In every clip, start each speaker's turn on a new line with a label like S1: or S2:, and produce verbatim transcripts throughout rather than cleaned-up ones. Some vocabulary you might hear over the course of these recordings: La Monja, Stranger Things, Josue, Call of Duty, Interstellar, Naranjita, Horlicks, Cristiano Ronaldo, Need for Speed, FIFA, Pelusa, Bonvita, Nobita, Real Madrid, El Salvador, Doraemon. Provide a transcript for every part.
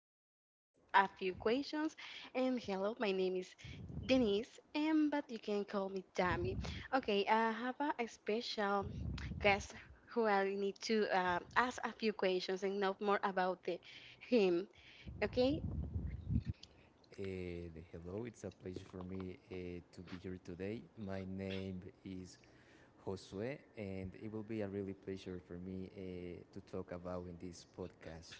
S1: we will ask a few questions. And hello, my name is Denise, and but you can call me Dami. Okay, I have a, a special guest who I need to uh, ask a few questions and know more about the, him. Okay,
S2: Uh, hello, it's a pleasure for me uh, to be here today. My name is Josue, and it will be a really pleasure for me uh, to talk about in this podcast.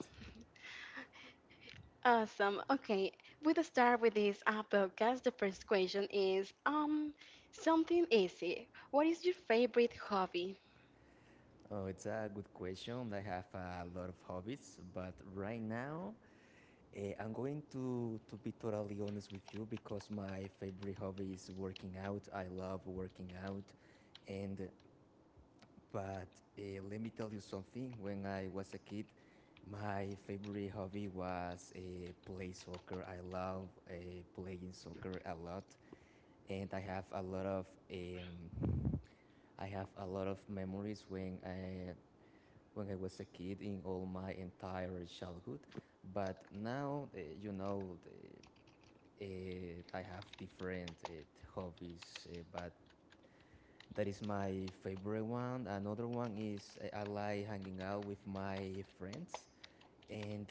S1: awesome. Okay, we'll start with this uh, podcast. The first question is um something easy. What is your favorite hobby?
S2: Oh, it's a good question. I have a lot of hobbies, but right now uh, I'm going to, to be totally honest with you because my favorite hobby is working out. I love working out, and But uh, let me tell you something. When I was a kid, my favorite hobby was uh, play soccer. I love uh, playing soccer a lot, and I have a lot of um, I have a lot of memories when I when I was a kid in all my entire childhood. But now, uh, you know, uh, I have different uh, hobbies, uh, but that is my favorite one. Another one is I like hanging out with my friends, and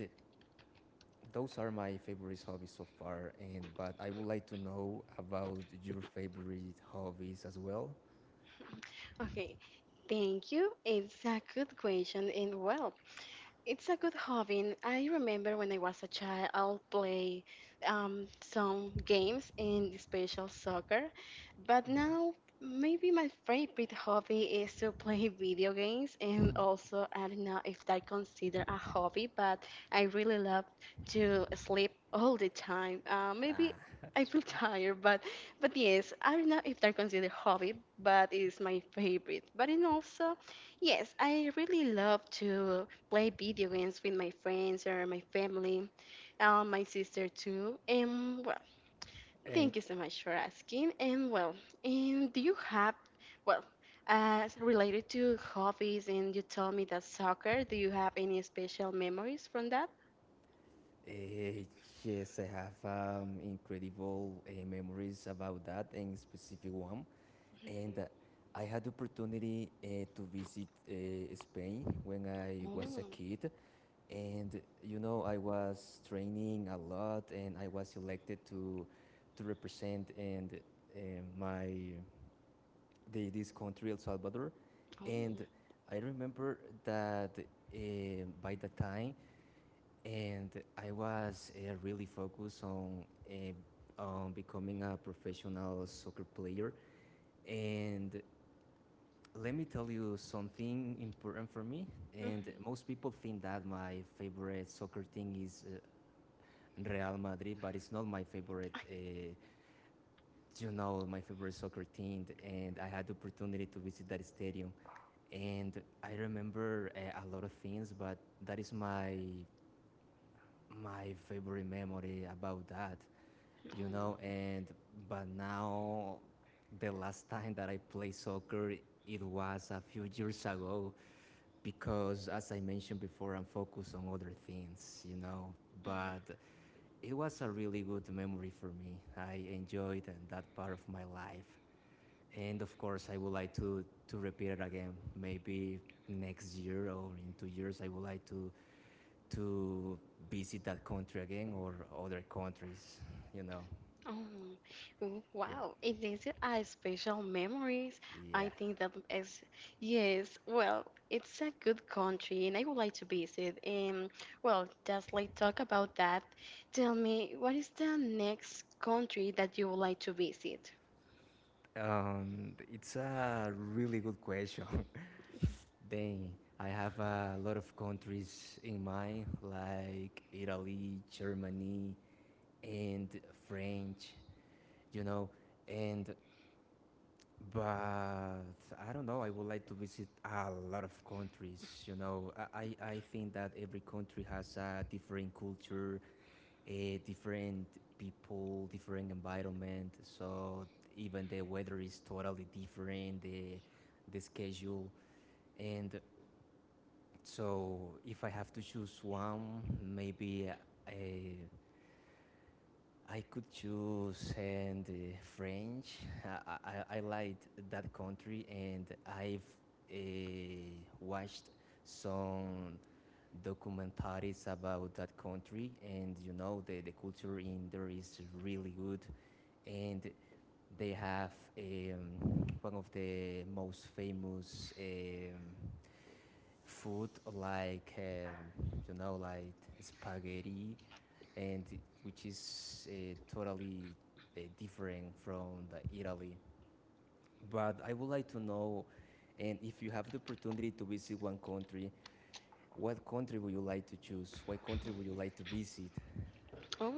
S2: those are my favorite hobbies so far. And but I would like to know about your favorite hobbies as well.
S1: Okay, thank you. It's a good question, and well, it's a good hobby. I remember when I was a child, I'll play um, some games in the special soccer, but now maybe my favorite hobby is to play video games. And also, I don't know if that consider a hobby, but I really love to sleep all the time. Uh, maybe
S2: Ah,
S1: I feel tired, but but yes, I don't know if that consider hobby, but it's my favorite. But and also, yes, I really love to play video games with my friends or my family, um, my sister too. And well,
S2: and
S1: thank you so much for asking. And well, and do you have well, as related to hobbies, and you told me that soccer. Do you have any special memories from that?
S2: uh, yes, I have um, incredible uh, memories about that and specific one. And uh,
S1: Mhm.
S2: I had the opportunity uh, to visit uh, Spain when I was a
S1: Oh,
S2: kid, and you know I was training a lot and I was elected to to represent and uh, my the, this country El Salvador,
S1: oh,
S2: and I remember that uh, by the time and I was uh, really focused on uh, on becoming a professional soccer player. And let me tell you something important for me, and
S1: mhm,
S2: most people think that my favorite soccer thing is uh, Real Madrid, but it's not my favorite. Uh, you know, my favorite soccer team, and I had the opportunity to visit that stadium, and I remember uh, a lot of things, but that is my my favorite memory about that. You know,
S1: oh.
S2: and but now the last time that I played soccer it was a few years ago because as I mentioned before I'm focused on other things, you know. But it was a really good memory for me. I enjoyed that part of my life. And of course, I would like to, to repeat it again. Maybe next year or in two years, I would like to, to visit that country again or other countries, you know.
S1: Oh, w-
S2: Yeah.
S1: wow. It is a special memories. I
S2: Yeah.
S1: think that is, yes, well, it's a good country and I would like to visit. And well, just like talk about that. Tell me, what is the next country that you would like to visit?
S2: Um, it's a really good question. Then I have a lot of countries in mind, like Italy, Germany, and French, you know. And but I don't know, I would like to visit a lot of countries, you know. i i I think that every country has a different culture, a different people, different environment. So even the weather is totally different, the the schedule. And so if I have to choose one, maybe uh, I could choose and uh, French. I, I, I liked that country, and I've uh, watched some documentaries about that country, and you know the, the culture in there is really good, and they have um, one of the most famous um, food like um, you know like spaghetti and which is uh, totally uh, different from the Italy. But I would like to know, and if you have the opportunity to visit one country, what country would you like to choose? What country would you like to visit?
S1: Oh.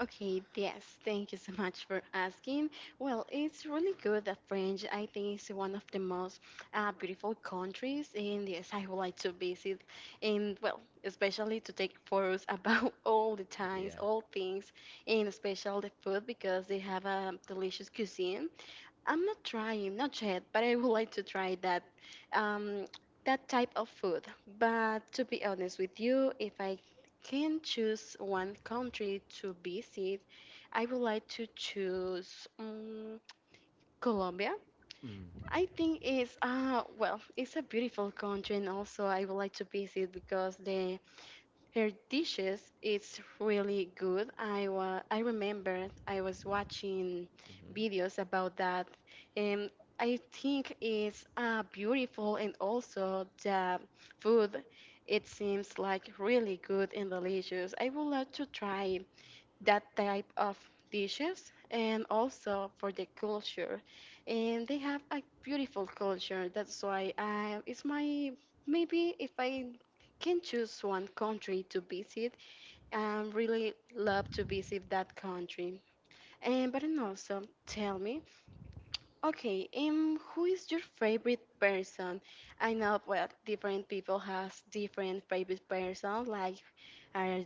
S1: Okay, yes, thank you so much for asking. Well, it's really good that French, I think, is one of the most uh, beautiful countries, and yes, I would like to visit, and well, especially to take photos about all the times,
S2: Yeah.
S1: all things, and especially the food because they have a delicious cuisine. I'm not trying, not yet, but I would like to try that um, that type of food. But to be honest with you, if I can choose one country to visit, I would like to choose um, Colombia.
S2: Mm.
S1: I think it's uh well, it's a beautiful country, and also I would like to visit because the her dishes is really good. I wa I remember I was watching
S2: Mhm.
S1: videos about that, and I think it's uh, beautiful and also the food. It seems like really good and delicious. I would like to try that type of dishes and also for the culture and they have a beautiful culture. That's why I, it's my maybe if I can choose one country to visit, I really love to visit that country. And but and also tell me. Okay, um, who is your favorite person? I know well, different people has different favorite person, like our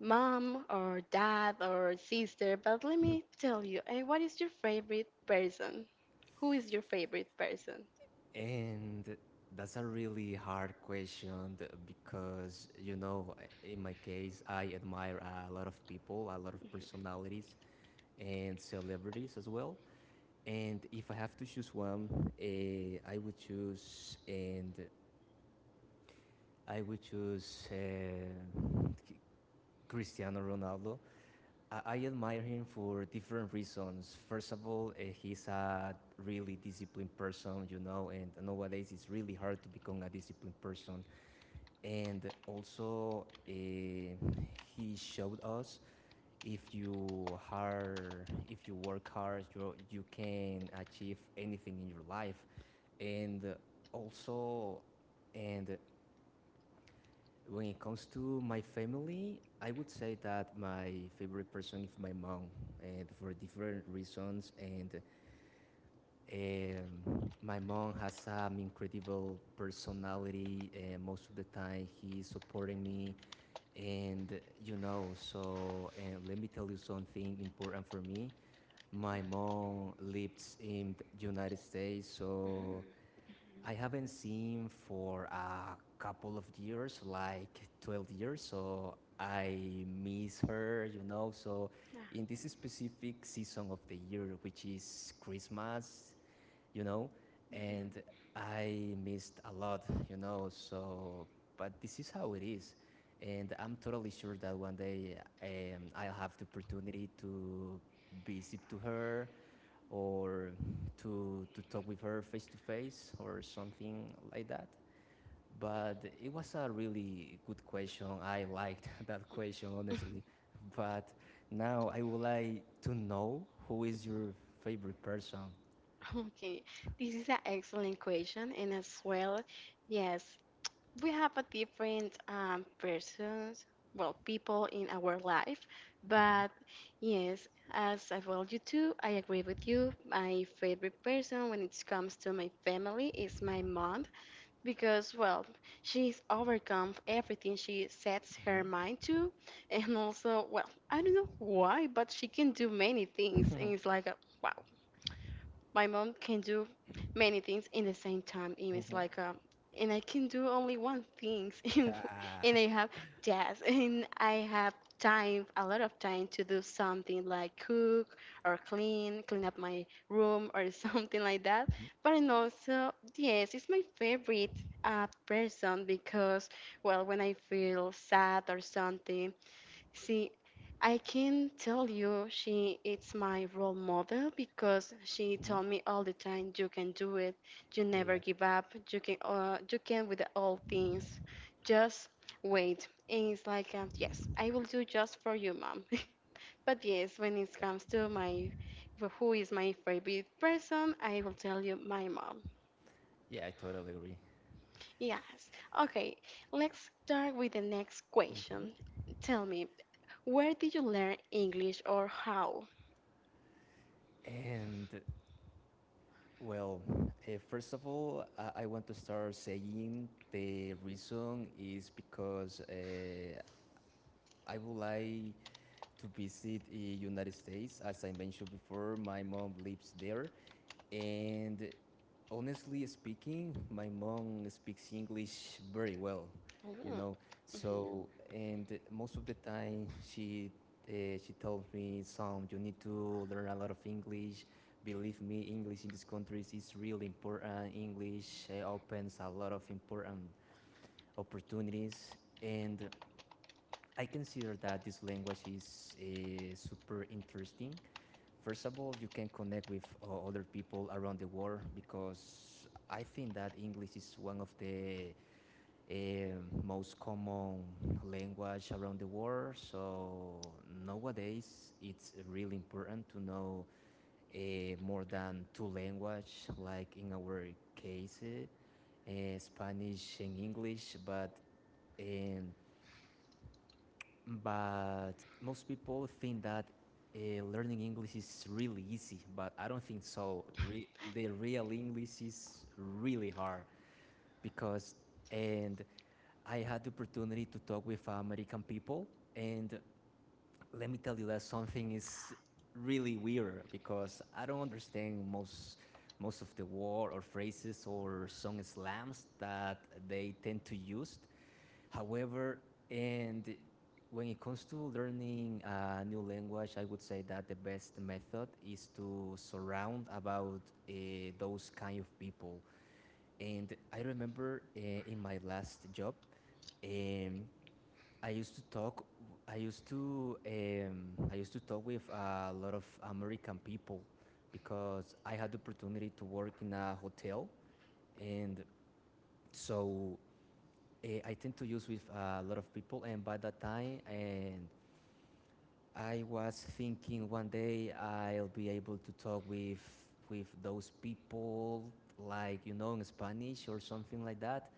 S1: mom or dad or sister. But let me tell you, eh, what is your favorite person? Who is your favorite person?
S2: And that's a really hard question th- because, you know, in my case, I admire a lot of people, a lot of personalities, and celebrities as well. And if I have to choose one, eh, I would choose, and I would choose eh, Cristiano Ronaldo. I, I admire him for different reasons. First of all, uh, he's a really disciplined person, you know, and nowadays it's really hard to become a disciplined person. And also, uh, he showed us if you hard, if you work hard, you you can achieve anything in your life. And also, and when it comes to my family, I would say that my favorite person is my mom, and for different reasons. And um, my mom has an incredible personality. And most of the time, he is supporting me, and you know. So, and let me tell you something important for me. My mom lives in the United States, so I haven't seen for a couple of years, like twelve years, so I miss her, you know. So, in this specific season of the year, which is Christmas, you know, and I missed a lot, you know. So, but this is how it is. And I'm totally sure that one day um, I'll have the opportunity to visit to her or to to talk with her face to face or something like that. But it was a really good question. I liked that question honestly. But now I would like to know who is your favorite person.
S1: Ah, okay, this is an excellent question, and as well, yes, we have a different um, persons, well, people in our life. But yes, as I told you too, I agree with you. My favorite person when it comes to my family is my mom because, well, she's overcome everything she sets her mind to, and also, well, I don't know why, but she can do many things, and it's like, uh, wow, my mom can do many things in the same time and it's
S2: Mm-hmm.
S1: like um and I can do only one things in w-
S2: Ah,
S1: and I have jazz and I have time a lot of time to do something like cook or clean clean up my room or something like that. But and also yes, it's my favorite uh, person because well when I feel sad or something. See, I can tell you she it's my role model because she
S2: hmm
S1: told me all the time you can do it. You never
S2: yeah,
S1: give up. You can uh, you can with all things. Just wait. And it's like uh, yes, I will do just for you, mom. But yes, when it
S2: yeah,
S1: comes to my who is my favorite person, I will tell you my mom.
S2: yeah. I totally agree.
S1: Yes. Okay, let's start with the next question. Tell me, where did you learn English or how?
S2: And well, uh, first of all, I, I want to start saying the reason is because uh, I would like to visit the United States. As I mentioned before, my mom lives there, and honestly speaking, my mom speaks English very well, you
S1: Mm,
S2: know.
S1: mhm.
S2: So and most of the time she. Uh, she tells me, "Sam, you need to learn a lot of English. Believe me, English in these countries is really important. English uh, opens a lot of important opportunities, and I consider that this language is uh, super interesting. First of all, you can connect with uh, other people around the world because I think that English is one of the uh, most common language around the world. So nowadays, it's really important to know uh, more than two language, like in our case, uh, Spanish and English. But um, but most people think that uh, learning English is really easy, but I don't think so. Re- the real English is really hard because, and I had the opportunity to talk with American people, and let me tell you that something is really weird because I don't understand most most of the word or phrases or song slams that they tend to use. However, and when it comes to learning a new language, I would say that the best method is to surround about uh, those kind of people. And I remember uh, in my last job, um, I used to talk. I used to um, I used to talk with a lot of American people because I had the opportunity to work in a hotel, and so eh, I tend to use with a lot of people, and by that time, and I was thinking one day I'll be able to talk with with those people, like you know, in Spanish or something like that.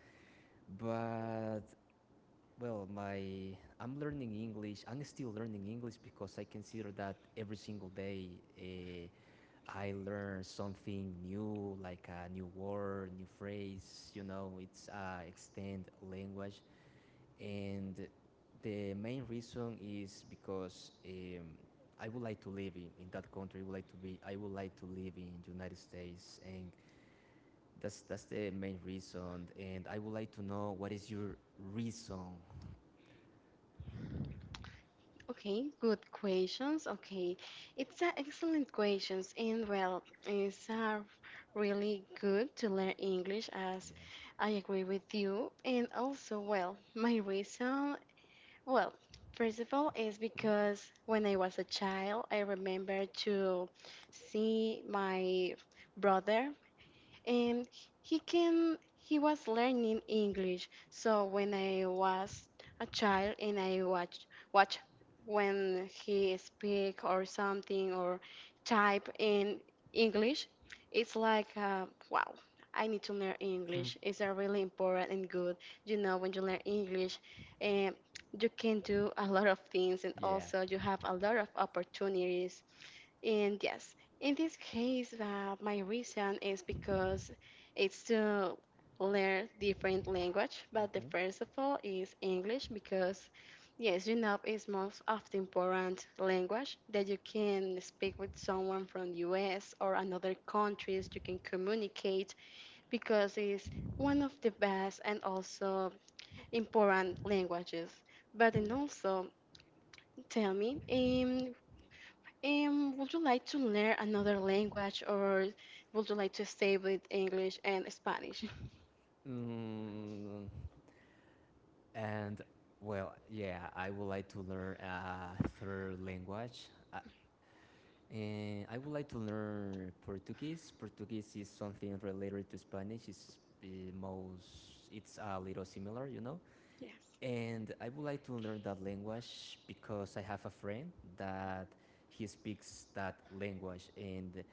S2: But well, my I'm learning English. I'm still learning English because I consider that every single day. Uh, I learn something new, like a new word, new phrase. You know, it's uh, extend language and the main reason is because um, I would like to live in, in that country. I would like to be. I would like to live in the United States, and that's that's the main reason. And I would like to know what is your reason.
S1: Okay, good questions. Okay, it's a excellent questions, and well, it's uh, really good to learn English as
S2: Yeah.
S1: I agree with you. And also, well, my reason well, first of all, is because when I was a child, I remember to see my brother and he can he was learning English. So when I was a child and I watch watch when he speak or something or type in English, it's like uh, wow. I need to learn English. It's a really important and good. You know, when you learn English, um, you can do a lot of things, and
S2: Yeah.
S1: also you have a lot of opportunities and yes, in this case, uh, my reason is because it's to learn different language. But the
S2: Mm-hmm.
S1: first of all is English because, yes, you know, it's most of the important language that you can speak with someone from U S or another countries. You can communicate because it's one of the best and also important languages. But then also, tell me, um, um, would you like to learn another language or would you like to stay with English and Spanish?
S2: Mm, and well, yeah, I would like to learn a third language. And I would like to learn Portuguese. Portuguese is something related to Spanish. It's the most, it's a little similar, you know.
S1: Yes.
S2: And I would like to learn that language because I have a friend that he speaks that language. And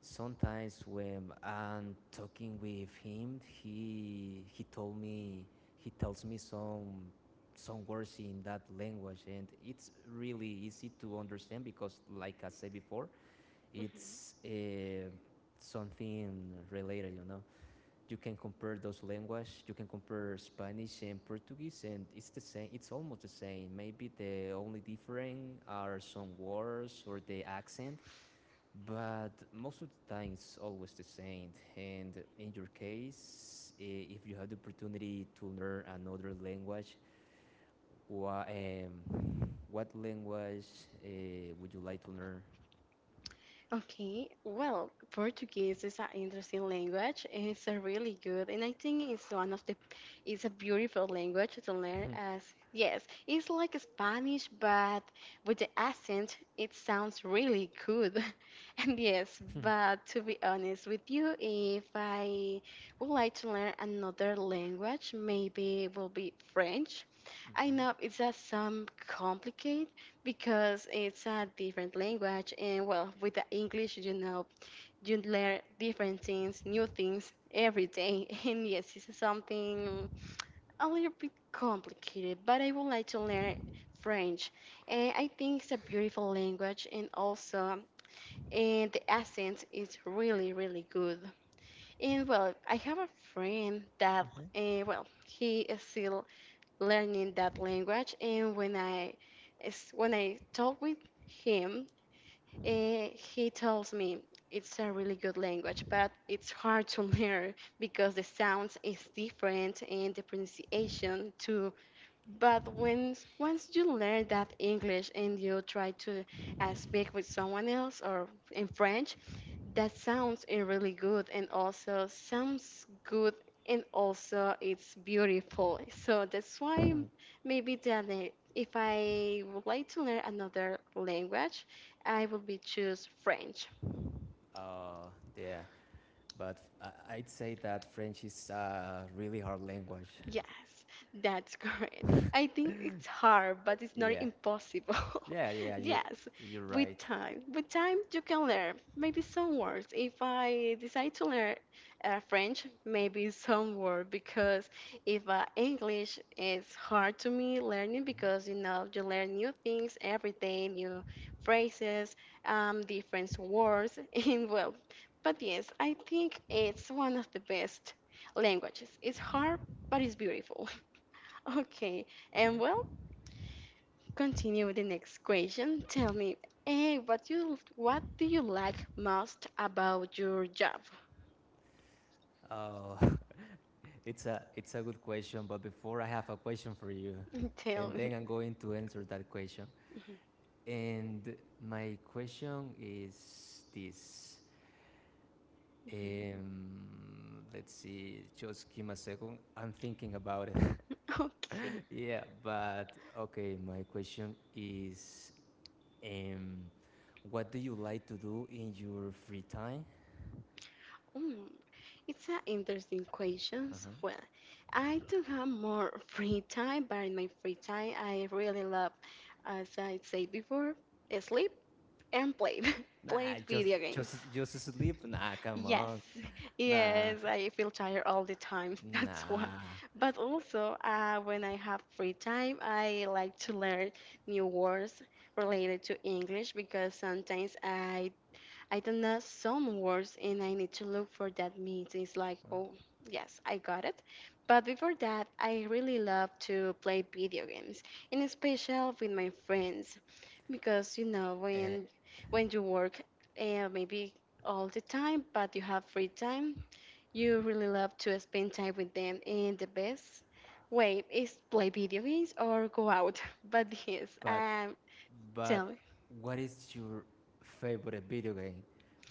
S2: sometimes when I'm talking with him, he he told me he tells me some some words in that language and it's really easy to understand because like I said before it's
S1: Hmm.
S2: uh, something related, you know. You can compare those languages. You can compare Spanish and Portuguese, and it's the same. It's almost the same. Maybe the only different are some words or the accent, but most of the time it's always the same. And in your case, eh, if you have the opportunity to learn another language, what um, what language uh, would you like to learn?
S1: Okay, well, Portuguese is an interesting language. It's a really good, and I think it's one of the, it's a beautiful language to learn. As yes, it's like Spanish, but with the accent, it sounds really good. And yes, but to be honest with you, if I would like to learn another language, maybe it will be French. I
S2: Mm-hmm.
S1: know it's a some complicated because it's a different language and well with the English, you know, you learn different things new things every day and yes it's something a little bit complicated but I would like to learn French and I think it's a beautiful language and also and the accent is really really good and well I have a friend that
S2: Mm-hmm.
S1: uh, well he is still learning that language and when I is when I talk with him. Eh, he tells me it's a really good language, but it's hard to learn because the sounds is different and the pronunciation too. But when once you learn that English and you try to uh, speak with someone else or in French, that sounds uh, really good and also sounds good and also it's beautiful. So that's why maybe that i- if I would like to learn another language, I will be choose French.
S2: Uh, yeah. But I- would say that French is a really hard language.
S1: Yes, that's correct. I think it's hard, but it's not
S2: Yeah,
S1: impossible.
S2: yeah, yeah. You,
S1: Yes,
S2: you're
S1: with
S2: right.
S1: time. With time, you can learn. Maybe some words. If I decide to learn uh, French, maybe some word because if uh, English is hard to me learning because you know you learn new things every day, new phrases, um, different words, and well. But yes, I think it's one of the best languages. It's hard, but it's beautiful. Okay, and well, continue with the next question. Tell me, eh, what you what do you like most about your job?
S2: Oh, it's a it's a good question. But before I have a question for you,
S1: Tell
S2: and
S1: me.
S2: then I'm going to answer that question. And my question is this. Um, let's see. Just give me a second. I'm thinking about it.
S1: Okay.
S2: Yeah, but okay. My question is Um, what do you like to do in your free time?
S1: Mm. It's an interesting question. Well, I do have more free time, but in my free time, I really love, as I said before, sleep. And play,
S2: Nah,
S1: play
S2: just
S1: video games.
S2: just just sleep. Nah, come
S1: Yes,
S2: on. Nah,
S1: yes, I feel tired all the time. That's why.
S2: nah.
S1: But also, uh, when I have free time, I like to learn new words related to English because sometimes I I don't know some words and I need to look for that means. It's like, oh, yes, I got it. But before that, I really love to play video games, and especially with my friends, because you know
S2: Eh,
S1: when when you work, uh, maybe all the time, but you have free time, you really love to spend time with them. And the best way is play video games or go out. But yes,
S2: but
S1: um,
S2: but
S1: tell me.
S2: what is your favorite video game?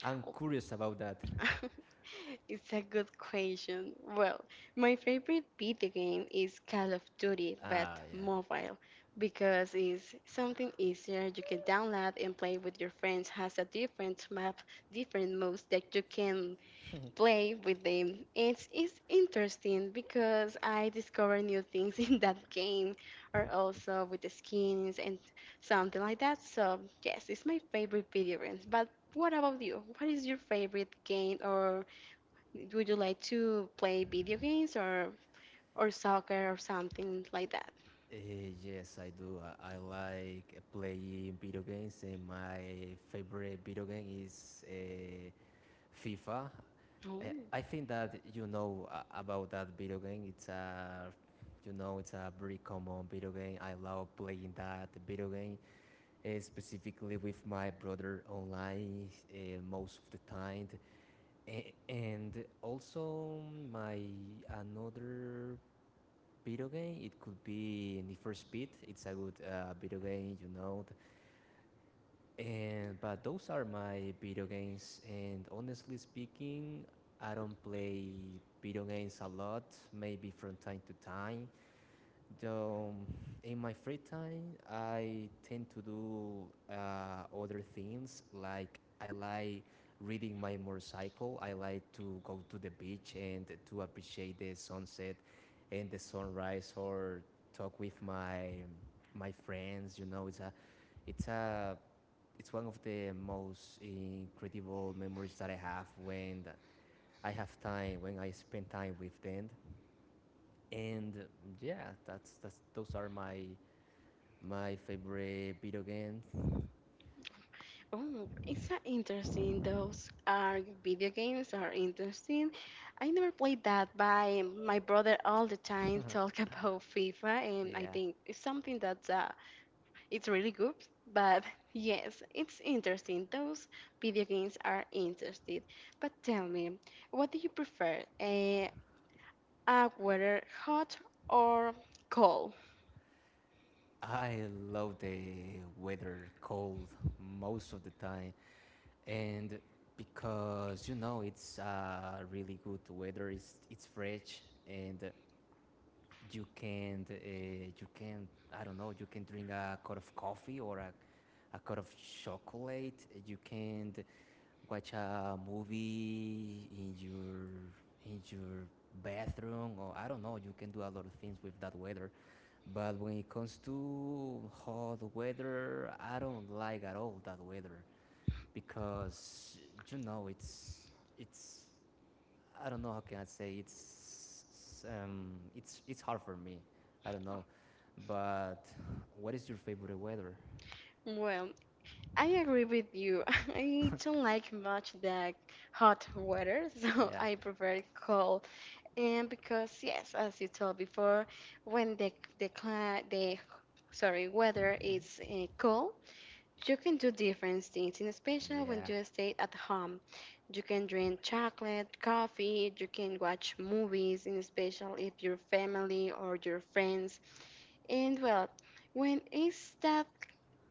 S2: I'm curious about that.
S1: It's a good question. Well, my favorite video game is Call of Duty, but
S2: Ah, yeah.
S1: mobile, because it's something easier you can download and play with your friends, has a different map, different moves that you can play with them. It's, it's interesting because I discover new things in that game or also with the skins and something like that. So, yes, it's my favorite video games. But what about you? What is your favorite game or would you like to play video games or or soccer or something like that?
S2: Eh, yes, I do. I, I like playing video games, and my favorite video game is uh, FIFA.
S1: Oh.
S2: Uh, I think that you know uh, about that video game. It's a, you know, it's a very common video game. I love playing that video game, uh, specifically with my brother online, uh, most of the time. Eh, and also my another video game. It could be Need for Speed. It's a good uh, video game, you know. And but those are my video games. And honestly speaking, I don't play video games a lot. Maybe from time to time. Though in my free time, I tend to do uh, other things. Like I like reading my motorcycle. I like to go to the beach and to appreciate the sunset and the sunrise, or talk with my my friends. You know, it's a it's a it's one of the most incredible memories that I have when I have time, when I spend time with them. And uh, yeah, that's that's those are my my favorite video games.
S1: Oh, it's uh, interesting. Those are video games are interesting. I never played that, but my brother all the time talk about FIFA, and I
S2: Yeah.
S1: think it's something that's uh, it's really good. But yes, it's interesting. Those video games are interesting. But tell me, what do you prefer? eh, A uh, uh, weather hot or cold?
S2: I love the weather cold most of the time and because you know it's uh, really good weather, it's, it's fresh and uh, you can, uh, you can, I don't know, you can drink a cup of coffee or a a cup of chocolate. You can watch a movie in your in your bathroom, or I don't know. You can do a lot of things with that weather. But when it comes to hot weather, I don't like at all that weather because you know it's it's I don't know how can I say, it's um it's it's hard for me. I don't know. But what is your favorite weather?
S1: Well, I agree with you. I don't like much the hot weather, so
S2: Yeah.
S1: I prefer cold. And because yes, as you told before, when the the cli- the sorry weather is uh, cold, you can do different things, and especially when
S2: Yeah.
S1: you stay at home. You can drink chocolate, coffee, you can watch movies, in special if your family or your friends. And well, when it's that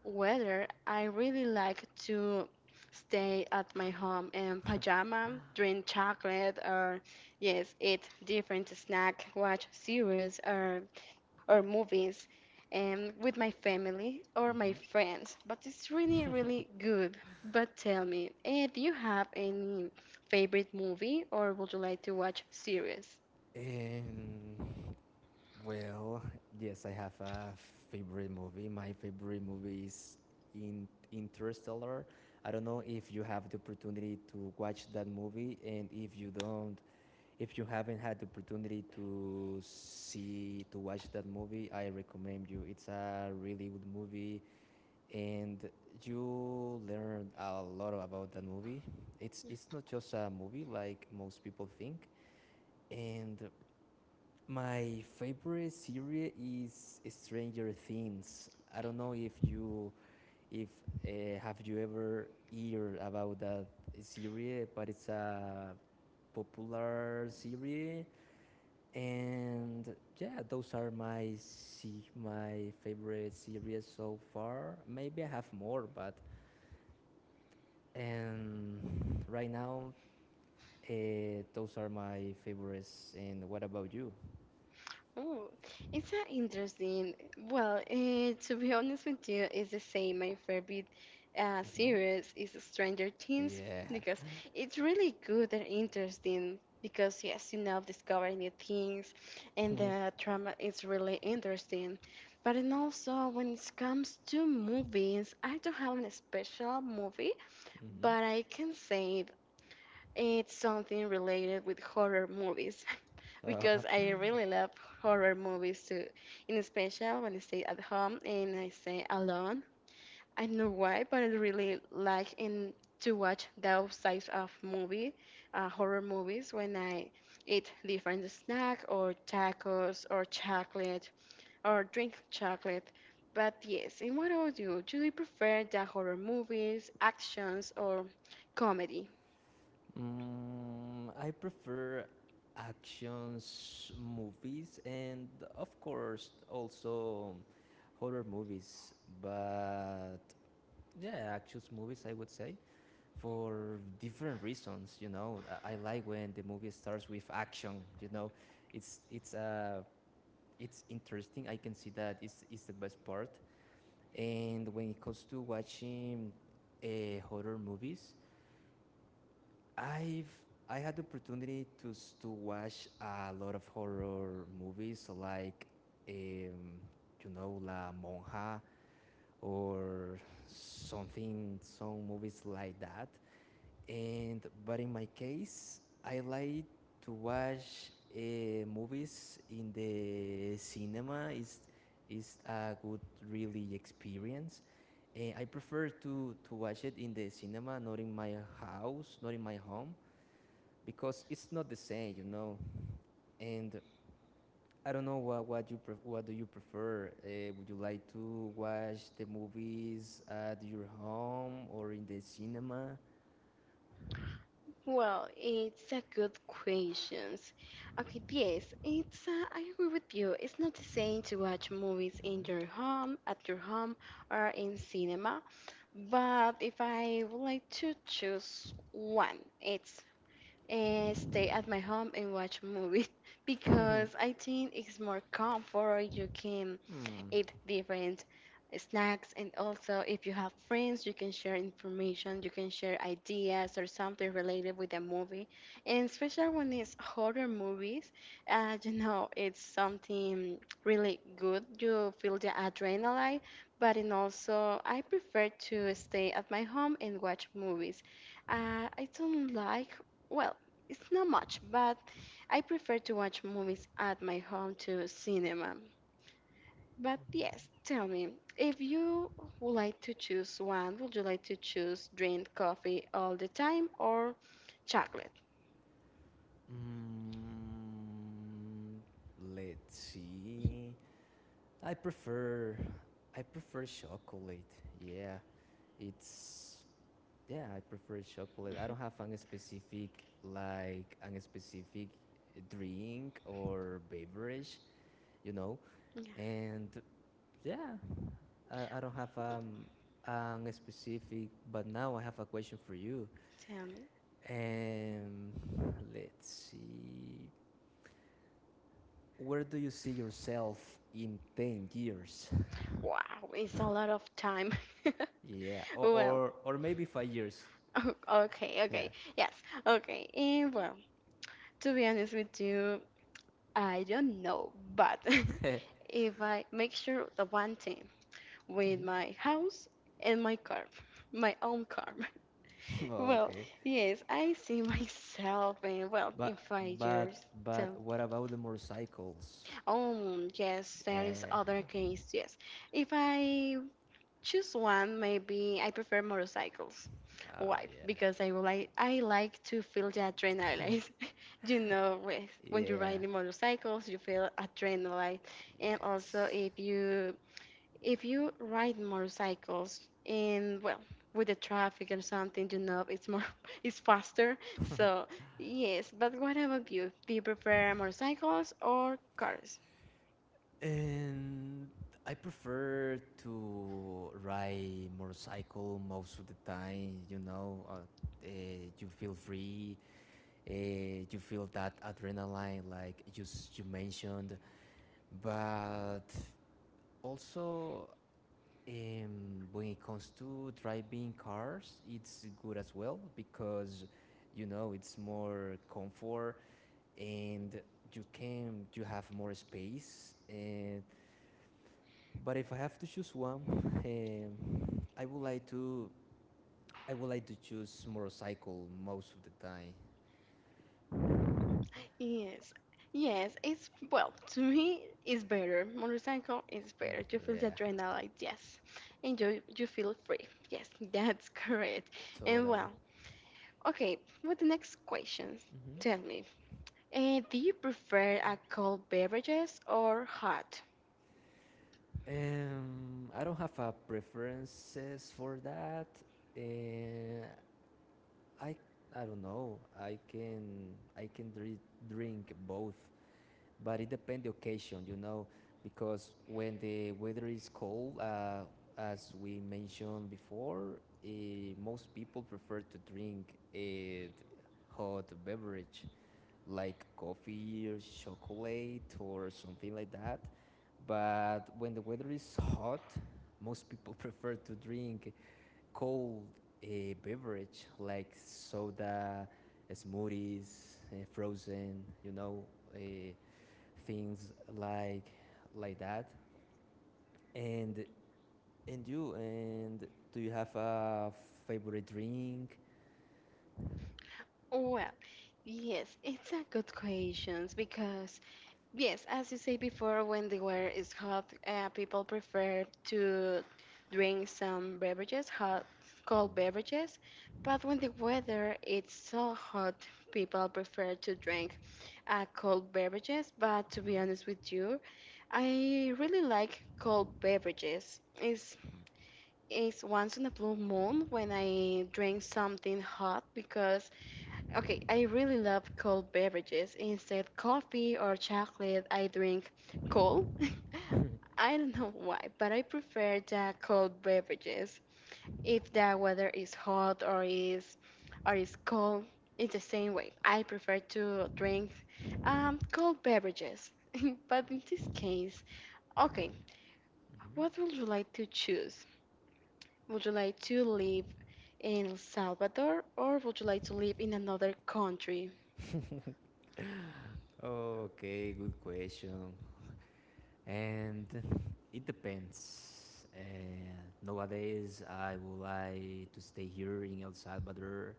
S1: weather, I really like to stay at my home in pajama, drink chocolate, or yes, eat different snack, watch series, or or movies and with my family or my
S2: Mhm.
S1: friends, but it's really really good. But tell me, eh, do you have any favorite movie or would you like to watch series?
S2: And well, yes, I have a favorite movie. My favorite movie is in Interstellar. I don't know if you have the opportunity to watch that movie, and if you don't, If you haven't had the opportunity to see to watch that movie, I recommend you. It's a really good movie, and you learn a lot about that movie. It's it's not just a movie like most people think. And my favorite series is Stranger Things. I don't know if you if uh, have you ever heard about that series, but it's a popular series, and yeah, those are my se- my favorite series so far. Maybe I have more, but and right now, uh, those are my favorites. And what about you?
S1: Oh, it's uh, interesting. Well, uh, to be honest with you, it's the same. My favorite uh,
S2: Hmm.
S1: series is Stranger Things
S2: Yeah.
S1: because it's really good and interesting. Because yes, you know, discovering new things, and the drama is really interesting. But and also when it comes to movies, I don't have a special movie,
S2: Hmm.
S1: but I can say it's something related with horror movies
S2: Uh,
S1: because I really love horror movies too, in special when I stay at home and I stay alone. I don't know why, but I really like in to watch those types of movie, uh, horror movies when I eat different snack or tacos or chocolate or drink chocolate. But yes, and what about you? Do you prefer the horror movies, actions, or comedy?
S2: mm, I prefer actions movies and of course also horror movies, but yeah, actions movies I would say for different reasons. You know, I, I like when the movie starts with action. You know, it's it's uh it's interesting. I can see that it's it's the best part. And when it comes to watching uh, horror movies, I've I had the opportunity to to watch a lot of horror movies like um, you know, La Monja or something, some movies like that. And but in my case, I like to watch uh, movies in the cinema. It's is a good really experience, and I prefer to to watch it in the cinema, not in my house, not in my home, because it's not the same, you know. And I don't know what what you pref- what do you prefer? Uh, would you like to watch the movies at your home or in the cinema?
S1: Well, it's a good question. Okay, yes, it's. Uh, I agree with you. It's not the same to watch movies in your home, at your home, or in cinema. But if I would like to choose one, it's and stay at my home and watch movies because I think it's more comfort. You can
S2: Hmm.
S1: eat different snacks, and also if you have friends, you can share information, you can share ideas or something related with the movie. And especially when it's horror movies, uh, you know, it's something really good. You feel the adrenaline, but and also I prefer to stay at my home and watch movies. Uh, I don't like well, it's not much, but I prefer to watch movies at my home to cinema. But yes, tell me, if you would like to choose one, would you like to choose drink coffee all the time or chocolate?
S2: Mm, let's see. I prefer I prefer chocolate. Yeah, it's, yeah, I prefer chocolate. I don't have an specific, like an specific drink or beverage, you know.
S1: Yeah,
S2: And yeah, I, I don't have um an specific, but now I have a question for you.
S1: tell me.
S2: Um let's see. Where do you see yourself in ten years?
S1: Wow, it's a lot of time.
S2: Yeah, or,
S1: Well,
S2: or, or maybe five years.
S1: oh, okay,
S2: Yeah.
S1: okay. Yes, okay. And well, to be honest with you, I don't know, but if I make sure the one thing, with
S2: Mhm.
S1: my house and my car, my own car.
S2: Oh,
S1: Well,
S2: okay.
S1: yes, I see myself in well in
S2: But
S1: five
S2: but
S1: years.
S2: but
S1: So,
S2: what about the motorcycles?
S1: um, yes, there is
S2: Eh,
S1: other case. Yes, if I choose one, maybe I prefer motorcycles.
S2: oh
S1: Why?
S2: yeah.
S1: Because I would like I like to feel the adrenaline. You know, with- when you
S2: Yeah.
S1: ride in motorcycles, you feel adrenaline, and also
S2: Yes.
S1: if you If you ride motorcycles and well, with the traffic or something, you know, it's more it's faster. So yes, but what about you? Do you prefer motorcycles or cars?
S2: And I prefer to ride motorcycle most of the time, you know, uh, eh, you feel free, eh, you feel that adrenaline like you, s- you mentioned. But also, um, when it comes to driving cars, it's good as well, because you know it's more comfort and you can, you have more space. And but if I have to choose one, um, I would like to, I would like to choose motorcycle most of the time.
S1: Yes. Yes, it's well, to me it's better. Motorcycle is
S2: Mm,
S1: better. You feel the
S2: yeah,
S1: adrenaline, yes. And you you feel free. Yes, that's correct. And
S2: totally.
S1: well, okay, with the next questions, tell me. Uh, do you prefer a cold beverages or hot?
S2: Um, I don't have a preferences for that. Uh, I I don't know. I can, I can dri- drink both, but it depends the occasion, you know, because when the weather is cold, uh, as we mentioned before, uh, most people prefer to drink a hot beverage like coffee or chocolate or something like that. But when the weather is hot, most people prefer to drink cold uh, beverage like soda, eh, smoothies, uh, frozen, you know, uh, things like like that. And and you, and do you have a favorite drink?
S1: Well, yes, it's a good question because yes, as you say before, when the weather is hot, uh, people prefer to drink some beverages, hot, cold beverages. But when the weather is so hot, people prefer to drink uh, cold beverages. But to be honest with you, I really like cold beverages. It's, it's once in a blue moon when I drink something hot because okay, I really love cold beverages. Instead coffee or chocolate, I drink cold. I don't know why, but I prefer the cold beverages. If the weather is hot or is or is cold, it's the same way. I prefer to drink um, cold beverages. But in this case, okay, what
S2: Mm-hmm.
S1: would you like to choose? Would you like to live in El Salvador or would you like to live in another country?
S2: Okay, good question. And it depends. Uh, nowadays, I would like to stay here in El Salvador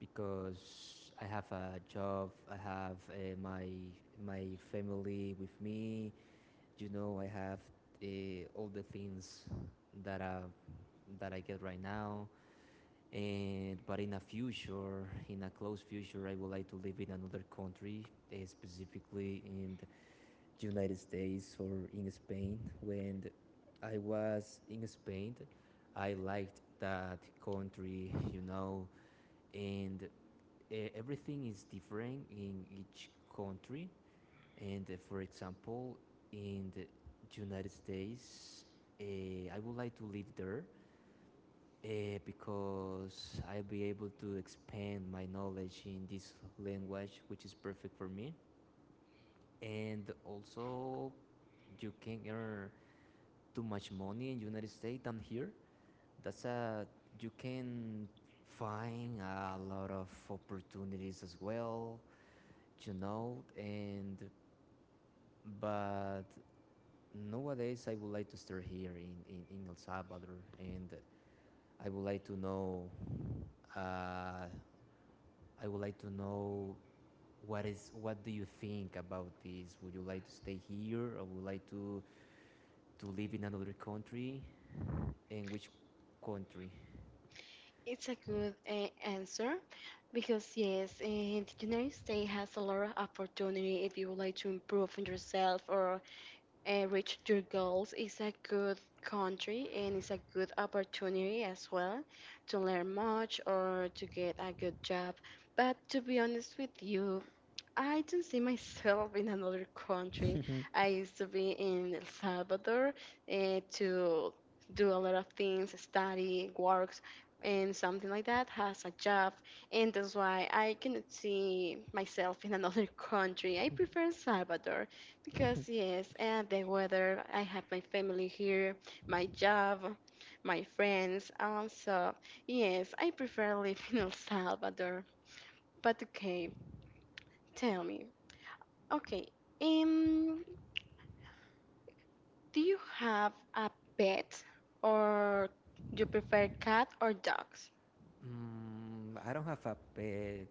S2: because I have a job. I have uh, my my family with me. You know, I have uh, all the things that I, that I get right now. And but in a future, in a close future, I would like to live in another country, eh, specifically in United States or in Spain. When I was in Spain, I liked that country, you know, and e- everything is different in each country. And uh, for example, in the United States, uh, I would like to live there uh, because I'll be able to expand my knowledge in this language, which is perfect for me. And also, you can earn too much money in the United States than here. That's a, you can find a lot of opportunities as well, you know. And but nowadays, I would like to stay here in in, in El Salvador, and I would like to know. Uh, I would like to know what is, what do you think about this? Would you like to stay here, or would you like to to live in another country? In which country?
S1: It's a good uh, answer because yes, in the United States has a lot of opportunity if you would like to improve on yourself or uh, reach your goals. It's a good country and it's a good opportunity as well to learn much or to get a good job. But to be honest with you, I don't see myself in another country. I used to be in El Salvador uh, to do a lot of things, study, works, and something like that, has a job, and that's why I cannot see myself in another country. I prefer Salvador because yes, and the weather. I have my family here, my job, my friends. Um, so yes, I prefer living in El Salvador. But okay, tell me. Okay. Um, do you have a pet or you prefer cat or dogs?
S2: Mm, I don't have a pet,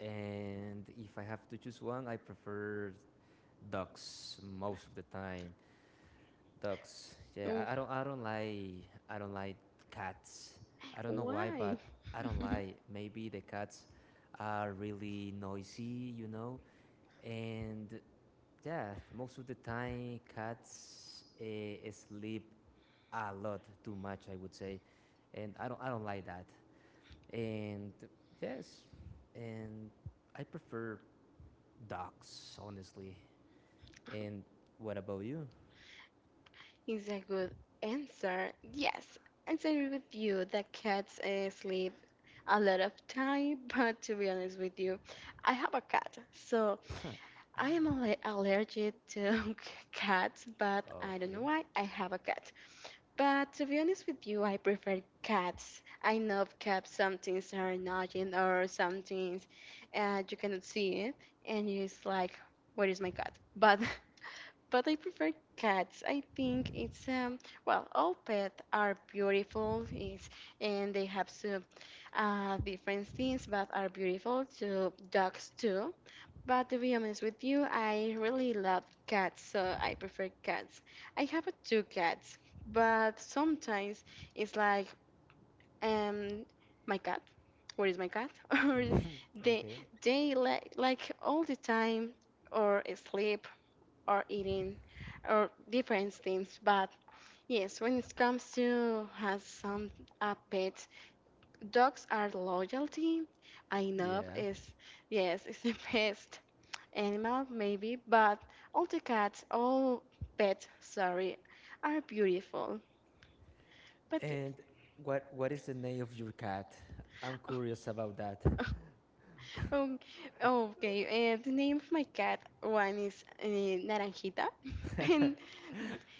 S2: and if I have to choose one, I prefer dogs most of the time. Dogs, yeah.
S1: Ooh,
S2: I, I don't, I don't like, I don't like cats. I don't know why, but
S1: why?
S2: I don't like. Maybe the cats are really noisy, you know. And yeah, most of the time, cats uh, sleep a lot, too much, I would say, and I don't, I don't like that. And yes, and I prefer dogs, honestly. And what about you?
S1: It's a good answer. Yes, I agree with you that cats uh, sleep a lot of time, but to be honest with you, I have a cat, so I am alle- allergic to cats, but I don't know
S2: Okay.
S1: why I have a cat. But to be honest with you, I prefer cats. I know cats, some things are annoying or some things uh, you cannot see it, and it's like, where is my cat? But but I prefer cats. I think it's um well, all pets are beautiful, is and they have some uh, different things, but are beautiful. So dogs too, but to be honest with you, I really love cats, so I prefer cats. I have uh, two cats, but sometimes it's like, um, my cat, where is my cat? Or
S2: Mhm.
S1: they
S2: Okay.
S1: they like like all the time, or sleep, or eating, or different things. But yes, when it comes to has some a pet, dogs are loyalty. I know
S2: Yeah.
S1: is yes, it's the best animal maybe, but all the cats, all pets, sorry, are beautiful. But yes.
S2: And what what is the name of your cat? I'm curious about that.
S1: Um, okay, and the name of my cat, one is uh, Naranjita, and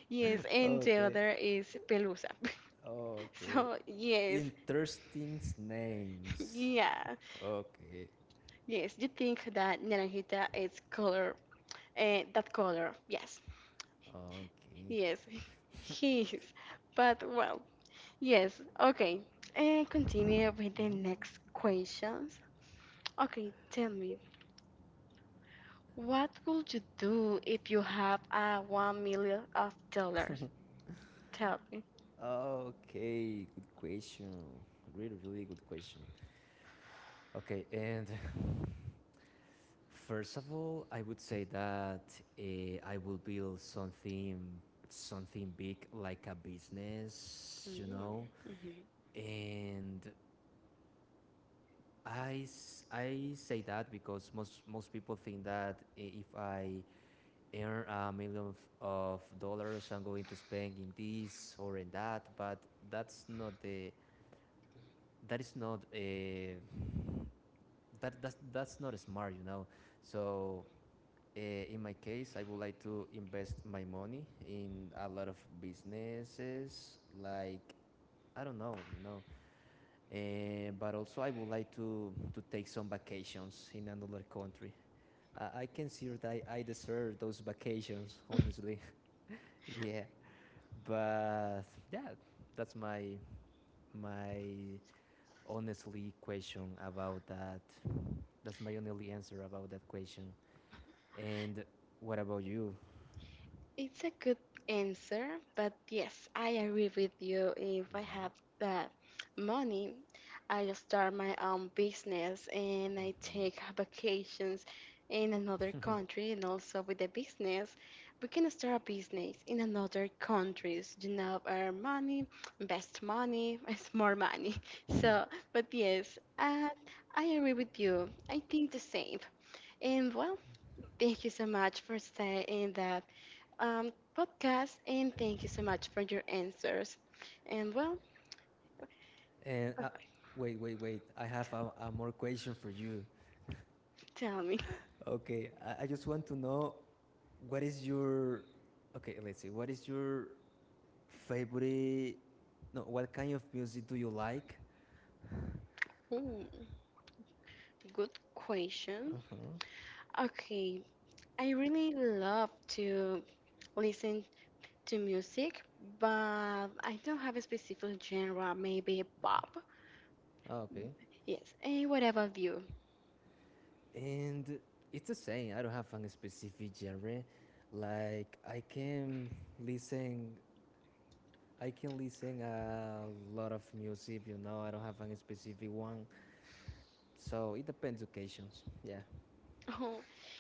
S1: yes, and the
S2: Okay.
S1: other is Pelusa.
S2: Okay.
S1: So, yes,
S2: Interesting names.
S1: yeah,
S2: Okay.
S1: yes, you think that Naranjita is color, uh, that color, yes,
S2: Okay.
S1: yes, he is, but well, yes, okay. And continue with the next questions. Okay, tell me, what would you do if you have uh, one million of dollars? Tell me.
S2: Okay. Good question. Really, really good question. Okay, and first of all, I would say that uh, I will build something, something big like a business, you know.
S1: Mm-hmm.
S2: And I, s- I say that because most most people think that i- if I earn a million f- of dollars, I'm going to spend in this or in that. But that's not the, that is not, uh, that that's that's not smart, you know. So Uh, in my case, I would like to invest my money in a lot of businesses, like I don't know, you know. Uh, but also, I would like to to take some vacations in another country. I I consider that I, I deserve those vacations, honestly. Yeah, but yeah, that's my my honestly question about that. That's my only answer about that question. And what about you?
S1: It's a good answer, but yes, I agree with you. If I have
S2: Mm-hmm.
S1: the money, I will start my own business and I take vacations in another country and also with the business, we can start a business in another countries, you know, our money, best money, it's more money. So, but yes, uh, I agree with you. I think the same. And well, thank you so much for saying that um, podcast, and thank you so much for your answers. And well,
S2: And uh, wait, wait, wait. I have a, a more question for you.
S1: tell me.
S2: Okay, I, I just want to know what is your, okay. Let's see. What is your favorite? No, what kind of music do you like?
S1: Hmm, good question.
S2: Uh huh.
S1: Okay, I really love to listen to music, but I don't have a specific genre, maybe pop.
S2: Oh, okay.
S1: Yes, and whatever you.
S2: And it's the same. I don't have a specific genre. Like I can listen. I can listen a lot of music. You know, I don't have a specific one. So it depends occasions. Yeah.
S1: Oh,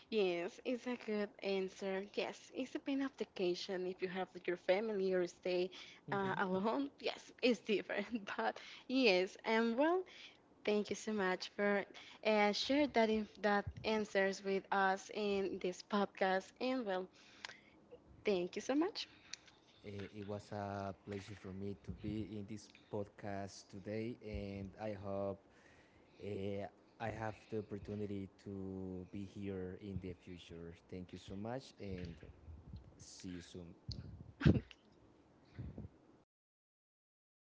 S1: yes, it's a good answer. Yes, it's a pain of vacation. If you have like, your family or stay uh,
S2: Mm-hmm.
S1: alone, yes, it's different. But yes, and well, thank you so much for uh, share that inf that answers with us in this podcast. And well, thank you so much.
S2: Eh, It was a pleasure for me to be in this podcast today, and I hope, eh, I have the opportunity to be here in the future. Thank you so much, and see you soon.